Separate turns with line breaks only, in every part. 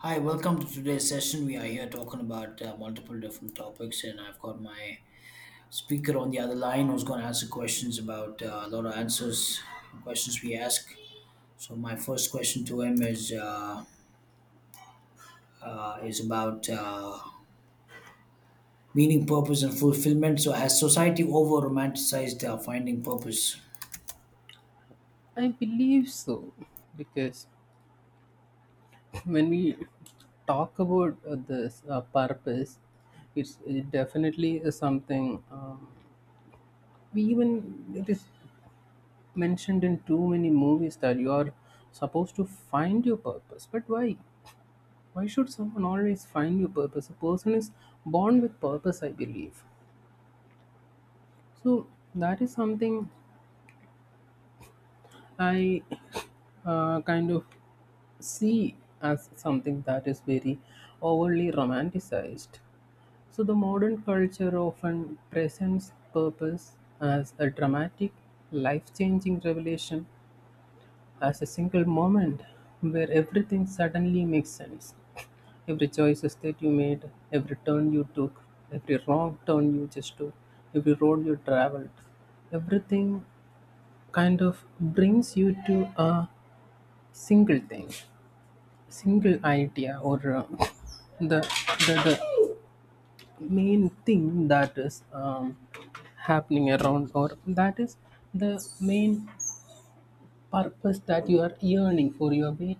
Hi, welcome to today's session. We are here talking about multiple different topics, and I've got my speaker on the other line who's going to answer questions about a lot of answers, questions we ask. So my first question to him is about meaning, purpose, and fulfillment. So has society over romanticized finding purpose?
I believe so because when we talk about this purpose, it definitely is something we even it is mentioned in too many movies that you are supposed to find your purpose. But why? Why should someone always find your purpose? A person is born with purpose, I believe. So that is something I kind of see as something that is very overly romanticized. So the modern culture often presents purpose as a dramatic, life-changing revelation, as a single moment where everything suddenly makes sense. Every choices that you made, every turn you took, every wrong turn you just took, every road you traveled, everything kind of brings you to a single thing, single idea or the, the main thing that is happening around or that is the main purpose that you are yearning for, your waiting,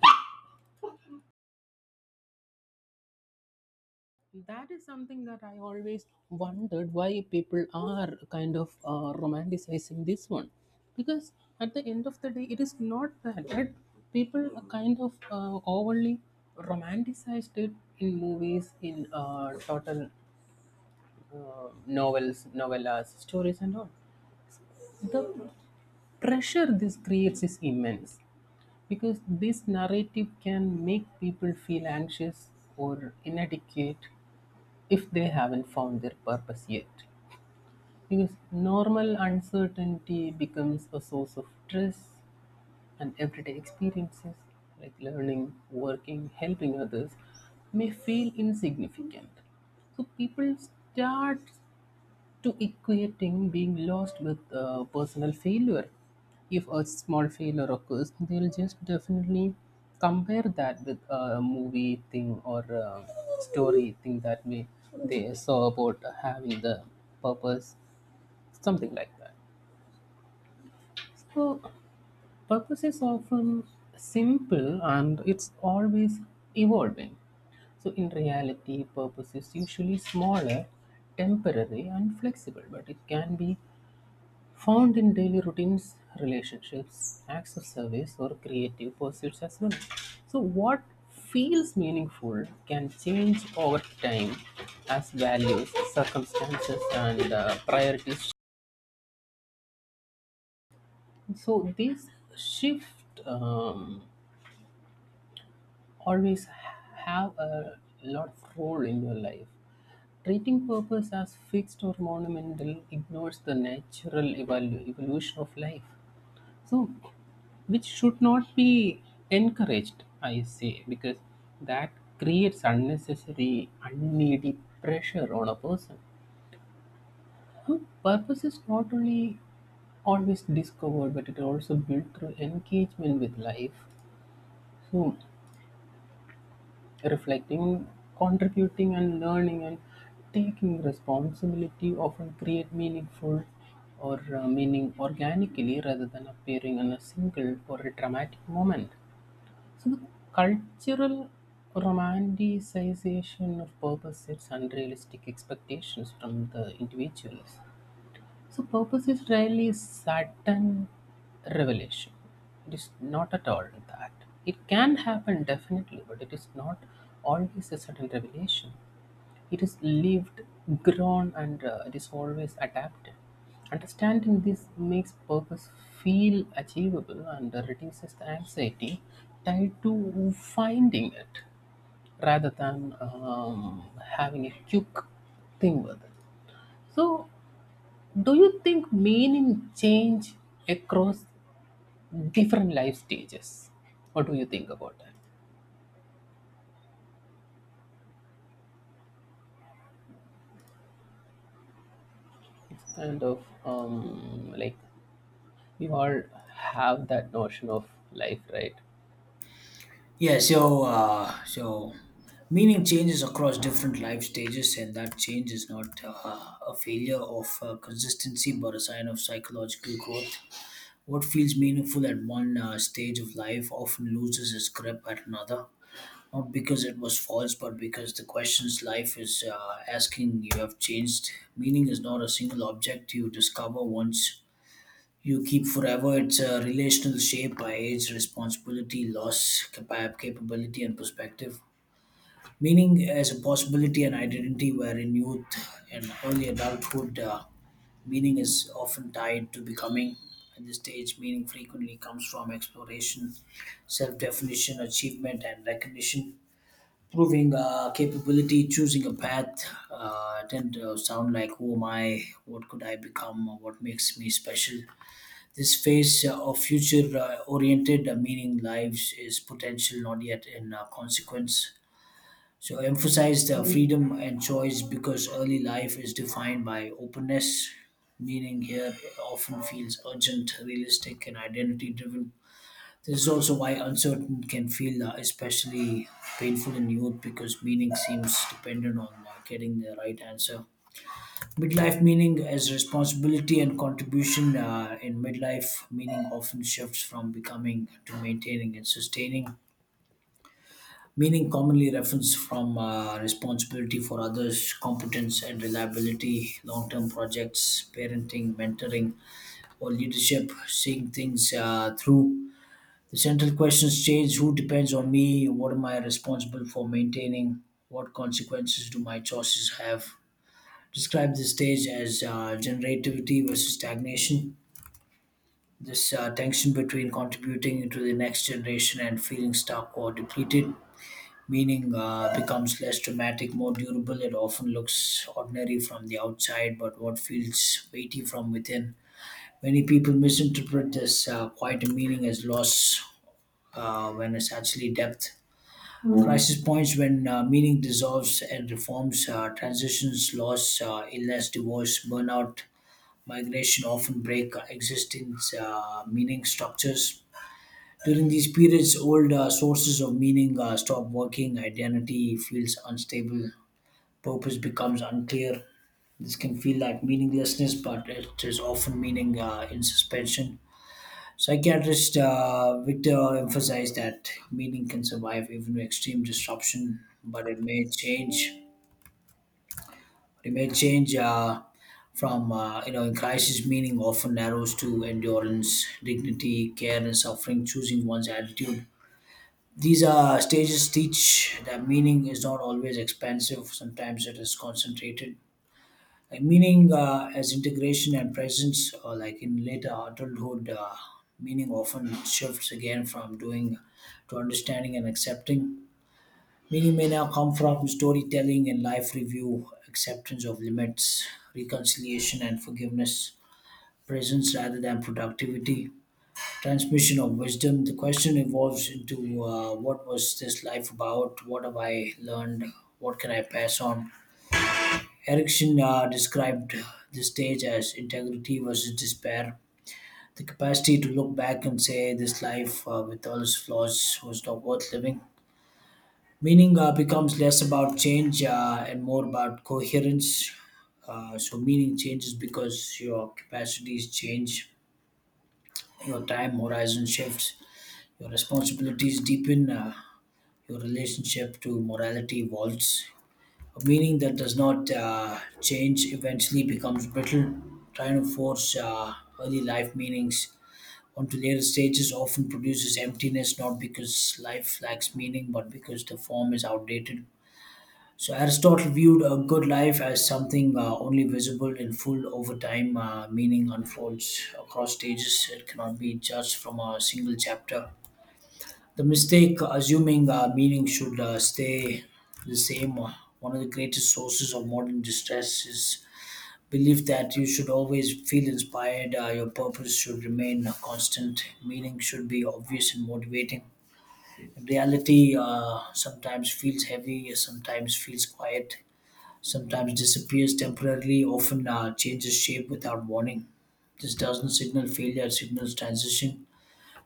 that is something that I always wondered why people are kind of romanticizing this one. Because at the end of the day, it is not that, right? People are kind of overly romanticized it in movies, in total novels, novellas, stories, and all. The pressure this creates is immense because this narrative can make people feel anxious or inadequate if they haven't found their purpose yet. Because normal uncertainty becomes a source of stress, and everyday experiences like learning, working, helping others may feel insignificant. So people start to equating being lost with personal failure. If a small failure occurs, they'll just definitely compare that with a movie thing or a story thing that we they saw about having the purpose, something like that. So purpose is often simple and it's always evolving. So, in reality, purpose is usually smaller, temporary, and flexible, but it can be found in daily routines, relationships, acts of service, or creative pursuits as well. So, what feels meaningful can change over time as values, circumstances, and priorities. So these shift always have a lot of role in your life. Treating purpose as fixed or monumental ignores the natural evolution of life. So, which should not be encouraged, I say, because that creates unnecessary, unneeded pressure on a person. Huh? Purpose is not only always discovered, but it also built through engagement with life. So, reflecting, contributing, and learning and taking responsibility often create meaningful or meaning organically rather than appearing in a single or a dramatic moment. So the cultural romanticization of purpose sets unrealistic expectations from the individuals. So purpose is rarely a sudden revelation. It is not at all that. It can happen definitely, but it is not always a sudden revelation. It is lived, grown, and it is always adapted. Understanding this makes purpose feel achievable and reduces the anxiety tied to finding it rather than having a quick thing with it. So, do you think meaning change across different life stages? What do you think about that? It's kind of like we all have that notion of life, right?
So meaning changes across different life stages, and that change is not a failure of consistency, but a sign of psychological growth. What feels meaningful at one stage of life often loses its grip at another, not because it was false, but because the questions life is asking you have changed. Meaning is not a single object you discover once you keep forever. It's a relational shape by age, responsibility, loss, capability, and perspective. Meaning as a possibility and identity, where in youth and early adulthood, meaning is often tied to becoming. At this stage, meaning frequently comes from exploration, self definition, achievement, and recognition. Proving capability, choosing a path, tend to sound like who am I, what could I become, what makes me special. This phase of future oriented meaning lives is potential not yet in consequence. So emphasize the freedom and choice because early life is defined by openness. Meaning here often feels urgent, realistic, and identity driven. This is also why uncertain can feel especially painful in youth because meaning seems dependent on getting the right answer. Midlife meaning as responsibility and contribution, in midlife meaning often shifts from becoming to maintaining and sustaining. Meaning commonly reference from responsibility for others, competence and reliability, long-term projects, parenting, mentoring, or leadership, seeing things through. The central questions change: Who depends on me? What am I responsible for maintaining? What consequences do my choices have? Describe this stage as generativity versus stagnation. This tension between contributing to the next generation and feeling stuck or depleted, meaning becomes less dramatic, more durable. It often looks ordinary from the outside, but what feels weighty from within. Many people misinterpret this quite a meaning as loss when it's actually depth. Crisis points when meaning dissolves and reforms, transitions, loss, illness, divorce, burnout, migration often break existing meaning structures. During these periods, old sources of meaning stop working, identity feels unstable, purpose becomes unclear. This can feel like meaninglessness, but it is often meaning in suspension. Psychiatrist Victor emphasized that meaning can survive even with extreme disruption, but it may change. It may change from you know, in crisis meaning often narrows to endurance, dignity, care, and suffering. Choosing one's attitude. These are stages teach that meaning is not always expansive. Sometimes it is concentrated. Like meaning as integration and presence, or like in later adulthood, meaning often shifts again from doing to understanding and accepting. Minimina come from storytelling and life review, acceptance of limits, reconciliation and forgiveness, presence rather than productivity, transmission of wisdom. The question evolves into what was this life about? What have I learned? What can I pass on? Erickson described this stage as integrity versus despair. The capacity to look back and say this life, with all its flaws, was not worth living. Meaning becomes less about change and more about coherence. So, meaning changes because your capacities change, your time horizon shifts, your responsibilities deepen, your relationship to morality evolves. A meaning that does not change eventually becomes brittle. Trying to force early life meanings onto later stages often produces emptiness, not because life lacks meaning, but because the form is outdated. So Aristotle viewed a good life as something only visible in full over time, meaning unfolds across stages. It cannot be judged from a single chapter. The mistake assuming meaning should stay the same. One of the greatest sources of modern distress is belief that you should always feel inspired. Your purpose should remain constant. Meaning should be obvious and motivating. Reality sometimes feels heavy, sometimes feels quiet, sometimes disappears temporarily, often changes shape without warning. This doesn't signal failure, it signals transition.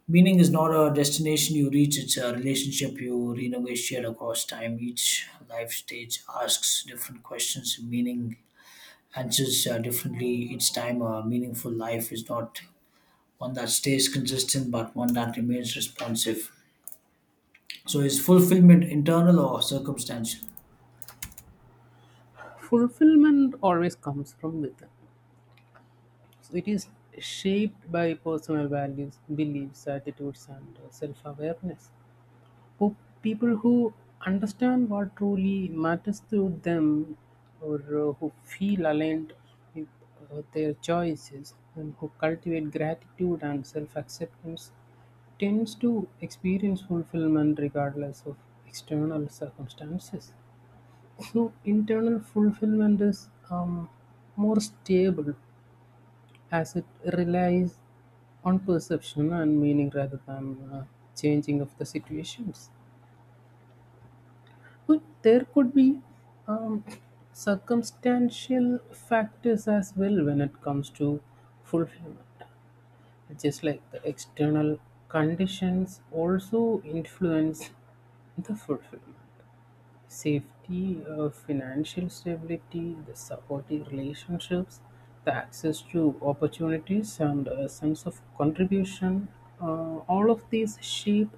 Meaning is not a destination you reach, it's a relationship you renegotiate across time. Each life stage asks different questions, meaning answers differently. Each time, a meaningful life is not one that stays consistent, but one that remains responsive. So, is fulfillment internal or circumstantial?
Fulfillment always comes from within. So it is shaped by personal values, beliefs, attitudes, and self awareness. People who understand what truly matters to them or who feel aligned with their choices and who cultivate gratitude and self acceptance tends to experience fulfillment regardless of external circumstances. So internal fulfillment is more stable as it relies on perception and meaning rather than changing of the situations. But there could be um, circumstantial factors as well when it comes to fulfillment. Just like the external conditions also influence the fulfillment. Safety, financial stability, the supportive relationships, the access to opportunities, and a sense of contribution, all of these shape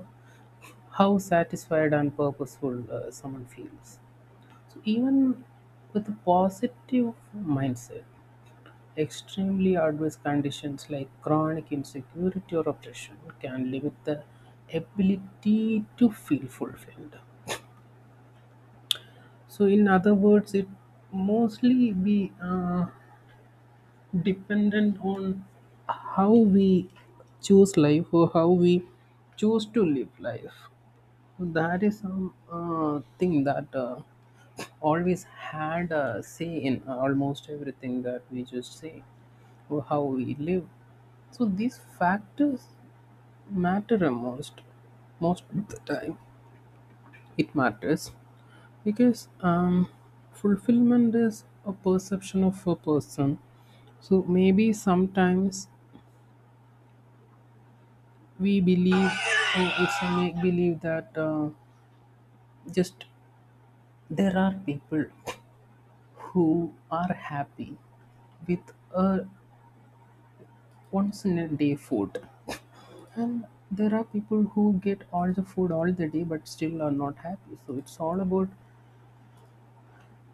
how satisfied and purposeful someone feels. So, even with a positive mindset, extremely adverse conditions like chronic insecurity or oppression can limit the ability to feel fulfilled. So, in other words, it mostly be dependent on how we choose life or how we choose to live life. So, that is some thing that always had a say in almost everything that we just say or how we live. So these factors matter most, most of the time. It matters because fulfillment is a perception of a person. So maybe sometimes we believe, or it's a make believe that just there are people who are happy with a once in a day food. And there are people who get all the food all the day but still are not happy. So it's all about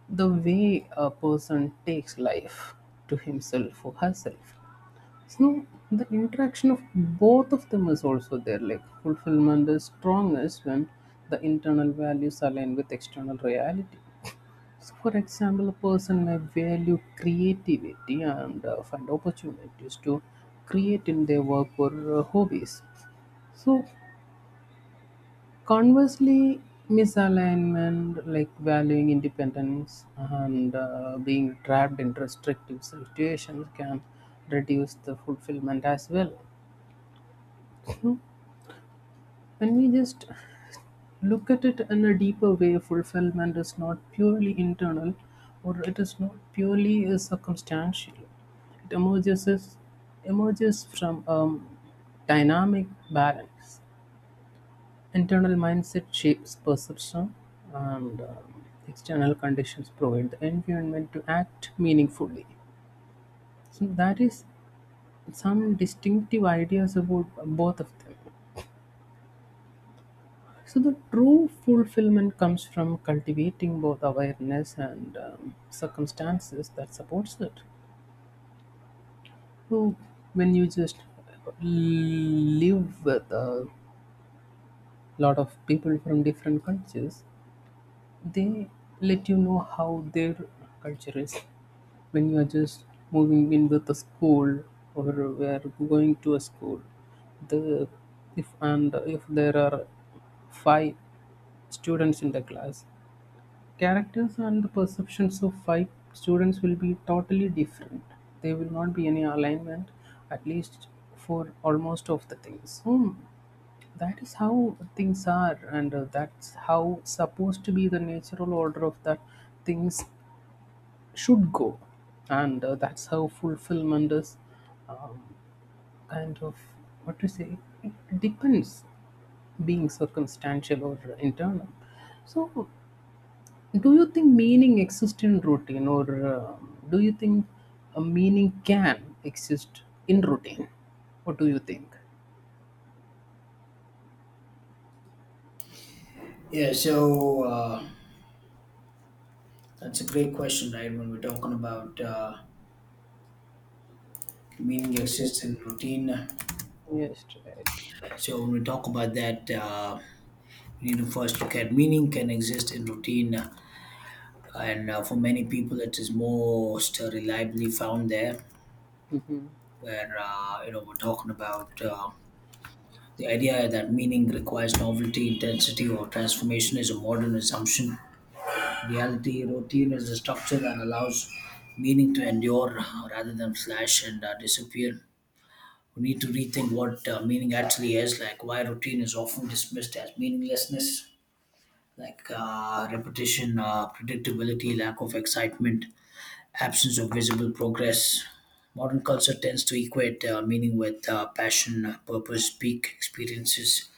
the way a person takes life to himself or herself. So the interaction of both of them is also there. Like fulfillment is strongest when the internal values align with external reality. So, for example, a person may value creativity and find opportunities to create in their work or hobbies. So, conversely, misalignment like valuing independence and being trapped in restrictive situations can reduce the fulfillment as well. So, when we just look at it in a deeper way, fulfillment is not purely internal or it is not purely circumstantial. It emerges from dynamic balance. Internal mindset shapes perception, and external conditions provide the environment to act meaningfully. So, that is some distinctive ideas about both of them. So the true fulfillment comes from cultivating both awareness and circumstances that supports it. So when you just live with a lot of people from different cultures, they let you know how their culture is. When you are just moving in with a school or we are going to a school, the, if and if there are five students in the class, characters and the perceptions of five students will be totally different. There will not be any alignment, at least for almost of the things. Hmm, that is how things are, and that's how supposed to be the natural order of that things should go, and that's how fulfillment is um, kind of, what to say, it depends, being circumstantial or internal. So, do you think meaning exists in routine, or do you think a meaning can exist in routine? What do you think?
Yeah, so. Uh, That's a great question, right? When we're talking about meaning exists in routine,
Yes, right.
so when we talk about that, we need to first look at meaning can exist in routine, and for many people, it is most reliably found there. Where you know, we're talking about the idea that meaning requires novelty, intensity, or transformation is a modern assumption. In reality, routine is a structure that allows meaning to endure rather than flash and disappear. We need to rethink what meaning actually is, like why routine is often dismissed as meaninglessness, like repetition, predictability, lack of excitement, absence of visible progress. Modern culture tends to equate meaning with passion, purpose, peak experiences,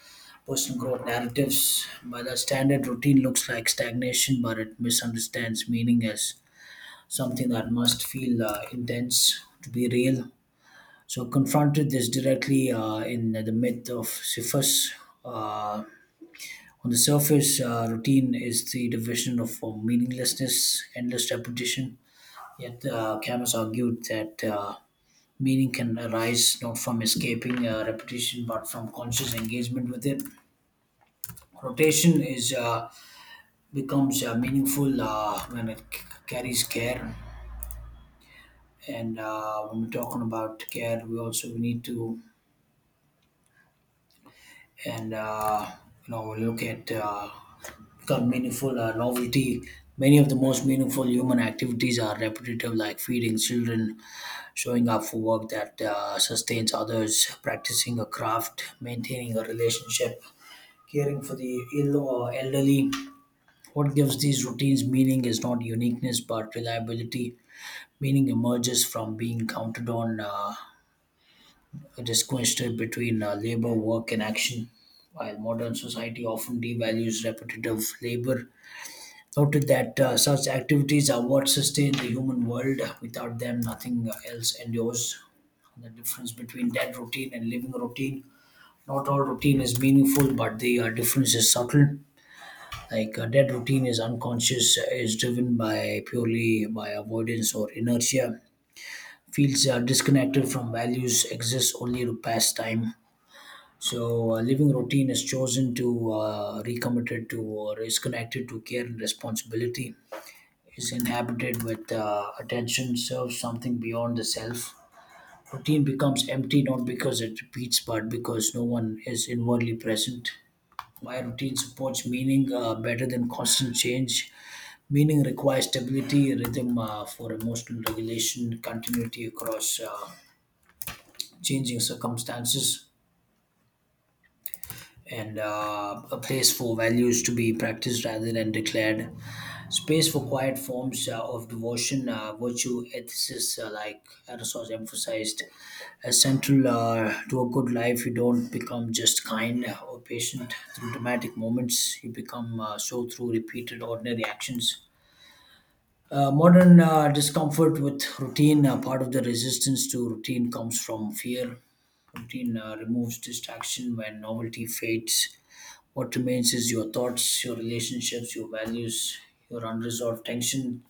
personal growth narratives. By that standard routine looks like stagnation, but it misunderstands meaning as something that must feel intense to be real. So confronted this directly in the myth of Sisyphus. Uh, on the surface, routine is the division of meaninglessness, endless repetition. Yet Camus argued that meaning can arise not from escaping repetition, but from conscious engagement with it. Rotation is becomes meaningful when it carries care. And when we're talking about care, we also we need to and you know, look at become meaningful novelty. Many of the most meaningful human activities are repetitive, like feeding children, showing up for work that sustains others, practicing a craft, maintaining a relationship, caring for the ill or elderly. What gives these routines meaning is not uniqueness but reliability. Meaning emerges from being counted on. Distinguished between labor, work, and action. While modern society often devalues repetitive labor, noted that such activities are what sustain the human world. Without them, nothing else endures. The difference between dead routine and living routine. Not all routine is meaningful, but the difference is subtle. Like dead routine is unconscious, is driven by purely by avoidance or inertia. Feels disconnected from values, exists only to pass time. So, living routine is chosen to recommitted to or is connected to care and responsibility, is inhabited with attention, serves something beyond the self. Routine becomes empty not because it repeats, but because no one is inwardly present. My routine supports meaning better than constant change. Meaning requires stability, rhythm for emotional regulation, continuity across changing circumstances, and a place for values to be practiced rather than declared, space for quiet forms of devotion, virtue, ethicists, like Aristotle emphasized, as central to a good life. You don't become just kind or patient through dramatic moments, you become so through repeated ordinary actions. Modern discomfort with routine, part of the resistance to routine comes from fear. Routine removes distraction when novelty fades. What remains is your thoughts, your relationships, your values, your unresolved tension.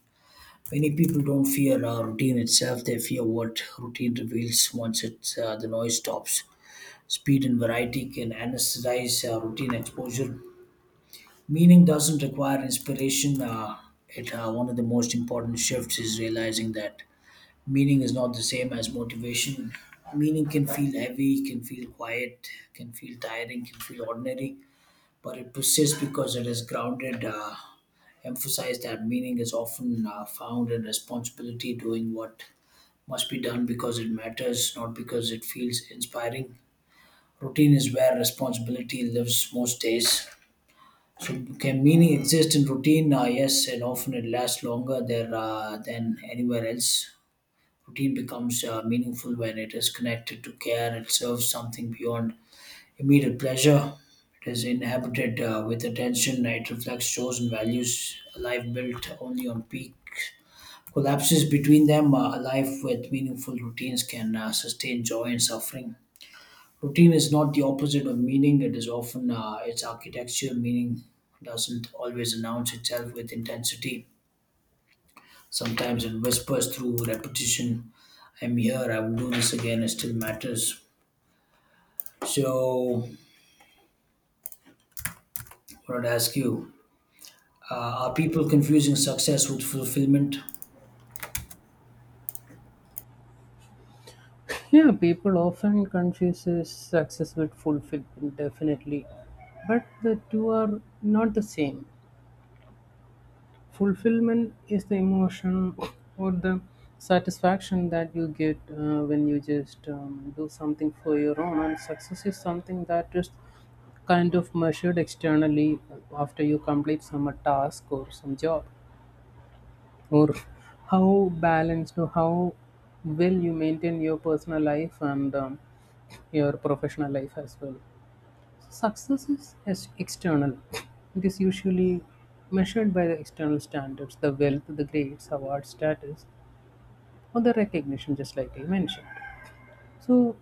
Many people don't fear routine itself, they fear what routine reveals once the noise stops. Speed and variety can anesthetize routine exposure. Meaning doesn't require inspiration. One of the most important shifts is realizing that meaning is not the same as motivation. Meaning can feel heavy, can feel quiet, can feel tiring, can feel ordinary, but it persists because it is grounded. Emphasized that meaning is often found in responsibility, doing what must be done because it matters, not because it feels inspiring. Routine is where responsibility lives most days. So, can meaning exist in routine? Yes, and often it lasts longer there than anywhere else. Routine becomes meaningful when it is connected to care, it serves something beyond immediate pleasure. It is inhabited with attention. It reflects chosen values. A life built only on peak collapses between them. A life with meaningful routines can sustain joy and suffering. Routine is not the opposite of meaning. It is often its architecture. Meaning doesn't always announce itself with intensity. Sometimes it whispers through repetition. I'm here. I will do this again. It still matters. So, I want to ask you. Are people confusing success with fulfillment?
Yeah, people often confuses success with fulfillment, definitely, but the two are not the same. Fulfillment is the emotion or the satisfaction that you get when you just do something for your own, and success is something that is kind of measured externally after you complete some a task or some job, or how balanced or how well you maintain your personal life and your professional life as well. Success is external. It is usually measured by the external standards, the wealth, the grades, award status, or the recognition, just like I mentioned. So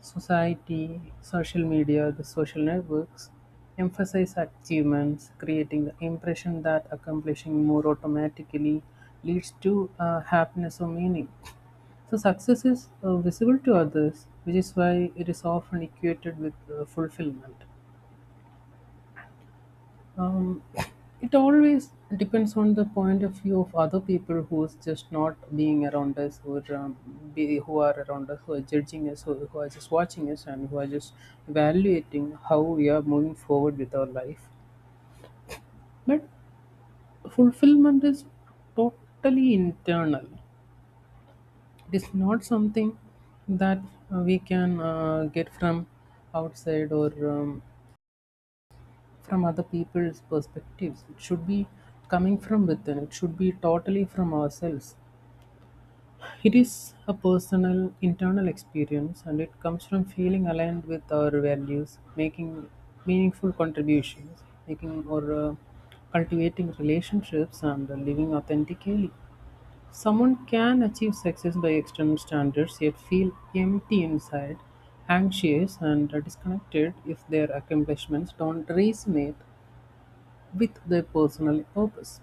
society, social media, the social networks emphasize achievements, creating the impression that accomplishing more automatically leads to happiness or meaning. So, success is visible to others, which is why it is often equated with fulfillment. Um, it always depends on the point of view of other people who's just not being around us, or who are around us, who are judging us, who are just watching us and who are just evaluating how we are moving forward with our life. But fulfillment is totally internal. It is not something that we can get from outside, or from other people's perspectives. It should be coming from within, it should be totally from ourselves. It is a personal, internal experience and it comes from feeling aligned with our values, making meaningful contributions, making or cultivating relationships, and living authentically. Someone can achieve success by external standards yet feel empty inside, anxious, and disconnected if their accomplishments don't resonate with their personal purpose.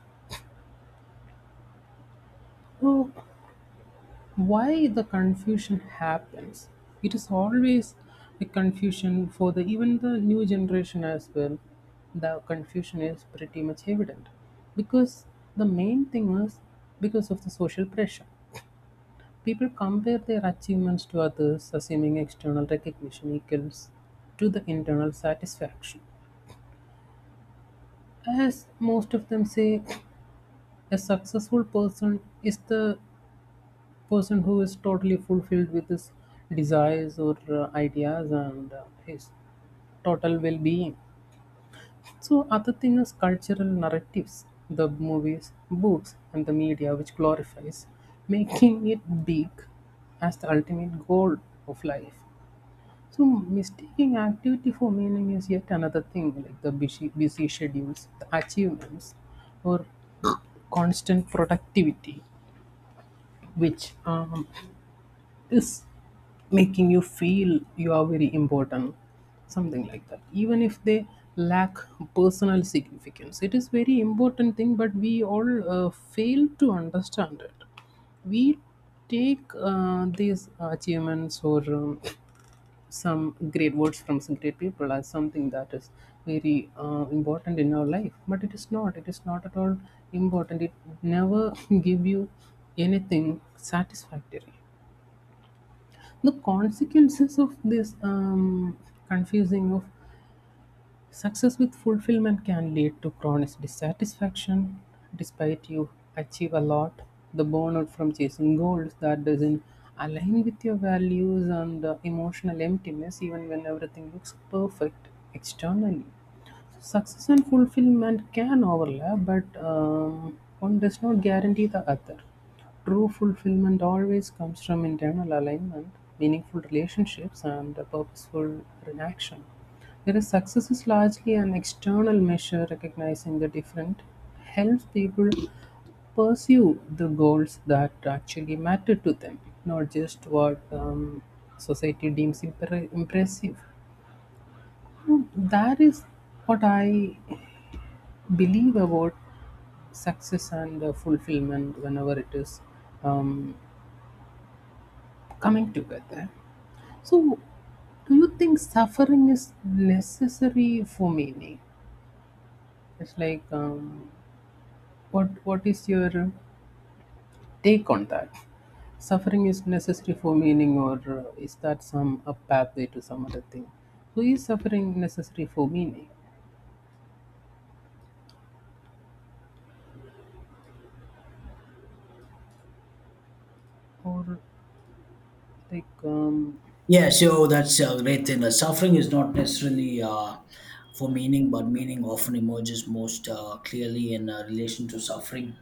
So, why the confusion happens? It is always a confusion for the even the new generation as well. The confusion is pretty much evident because the main thing is because of the social pressure. People compare their achievements to others, assuming external recognition equals to the internal satisfaction. As most of them say, a successful person is the person who is totally fulfilled with his desires or ideas and his total well-being. So other thing is cultural narratives, the movies, books, and the media which glorifies making it big as the ultimate goal of life. So mistaking activity for meaning is yet another thing, like the busy, busy schedules, the achievements or constant productivity, which is making you feel you are very important, something like that, even if they lack personal significance. It is very important thing, but we all fail to understand it. We take these achievements or some great words from some great people as something that is very important in our life, but it is not, it is not at all important. It never give you anything satisfactory. The consequences of this confusing of success with fulfillment can lead to chronic dissatisfaction. Despite you achieve a lot, the burnout from chasing goals that doesn't align with your values and emotional emptiness, even when everything looks perfect externally. Success and fulfillment can overlap, but one does not guarantee the other. True fulfillment always comes from internal alignment, meaningful relationships, and a purposeful action. Whereas success is largely an external measure, recognizing the different, helps people pursue the goals that actually matter to them, not just what society deems impressive. Hmm, that is what I believe about success and fulfillment whenever it is um, coming together. So, do you think suffering is necessary for meaning? It's like, what is your take on that? Suffering is necessary for meaning, or is that some a pathway to some other thing? So, is suffering necessary for meaning, or like
Yeah, so that's a great thing. Suffering is not necessarily for meaning, but meaning often emerges most clearly in relation to suffering,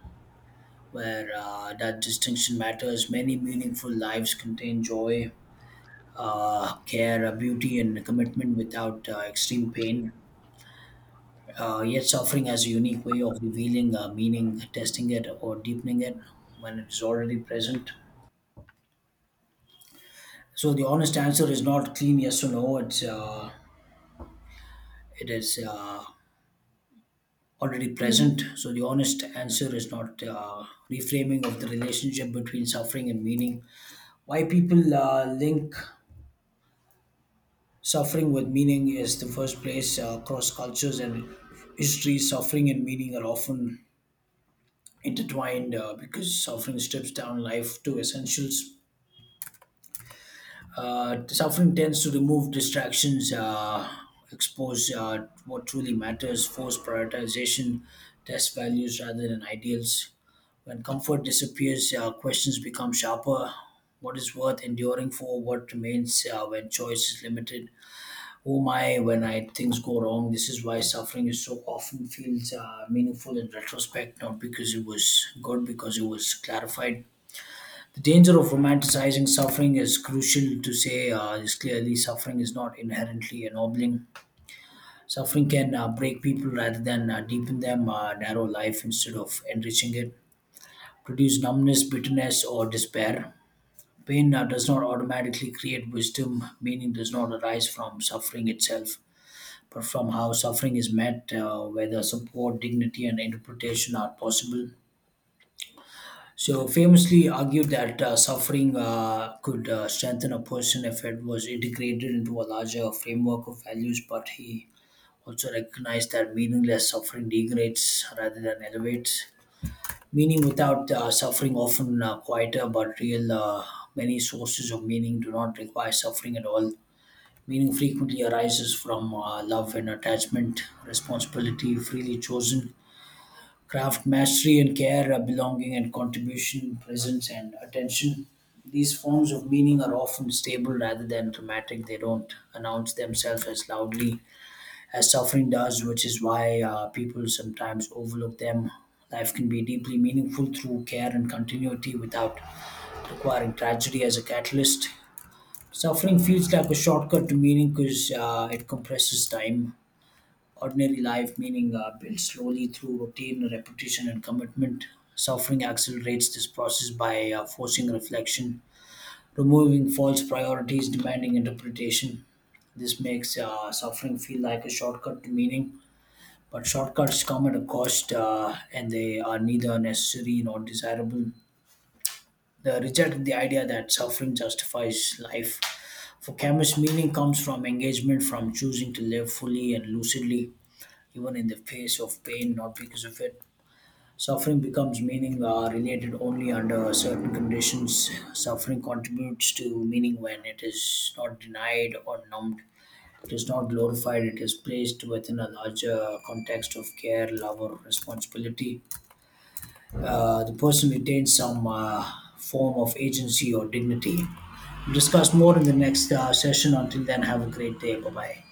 where that distinction matters. Many meaningful lives contain joy, care, beauty, and commitment without extreme pain. Yet, suffering has a unique way of revealing meaning, testing it, or deepening it when it is already present. So the honest answer is not clean yes or no. It is already present. So the honest answer is not reframing of the relationship between suffering and meaning. Why people link suffering with meaning is the first place across cultures and histories. Suffering and meaning are often intertwined because suffering strips down life to essentials. Suffering tends to remove distractions, expose what truly matters, force prioritization, test values rather than ideals. When comfort disappears, questions become sharper. What is worth enduring for? What remains when choice is limited? Who am I when I things go wrong? This is why suffering is so often feels meaningful in retrospect, not because it was good, because it was clarified the danger of romanticizing suffering is crucial to say this clearly. Suffering is not inherently ennobling. Suffering can break people rather than deepen them, narrow life instead of enriching it, produce numbness, bitterness, or despair. Pain does not automatically create wisdom. Meaning does not arise from suffering itself, but from how suffering is met, whether support, dignity, and interpretation are possible. So famously argued that suffering could strengthen a person if it was integrated into a larger framework of values, but he also recognized that meaningless suffering degrades rather than elevates. Meaning without suffering often quieter but real. Many sources of meaning do not require suffering at all. Meaning frequently arises from love and attachment, responsibility, freely chosen craft mastery and care, belonging and contribution, presence and attention. These forms of meaning are often stable rather than dramatic. They don't announce themselves as loudly as suffering does, which is why people sometimes overlook them. Life can be deeply meaningful through care and continuity without requiring tragedy as a catalyst. Suffering feels like a shortcut to meaning because it compresses time ordinary life, meaning built slowly through routine, repetition, and commitment. Suffering accelerates this process by forcing reflection, removing false priorities, demanding interpretation. This makes suffering feel like a shortcut to meaning, but shortcuts come at a cost and they are neither necessary nor desirable. They reject the idea that suffering justifies life. For Camus, meaning comes from engagement, from choosing to live fully and lucidly even in the face of pain, not because of it. Suffering becomes meaning related only under certain conditions. Suffering contributes to meaning when it is not denied or numbed. It is not glorified, it is placed within a larger context of care, love, or responsibility. The person retains some form of agency or dignity. We'll discuss more in the next session. Until then, have a great day. Bye bye.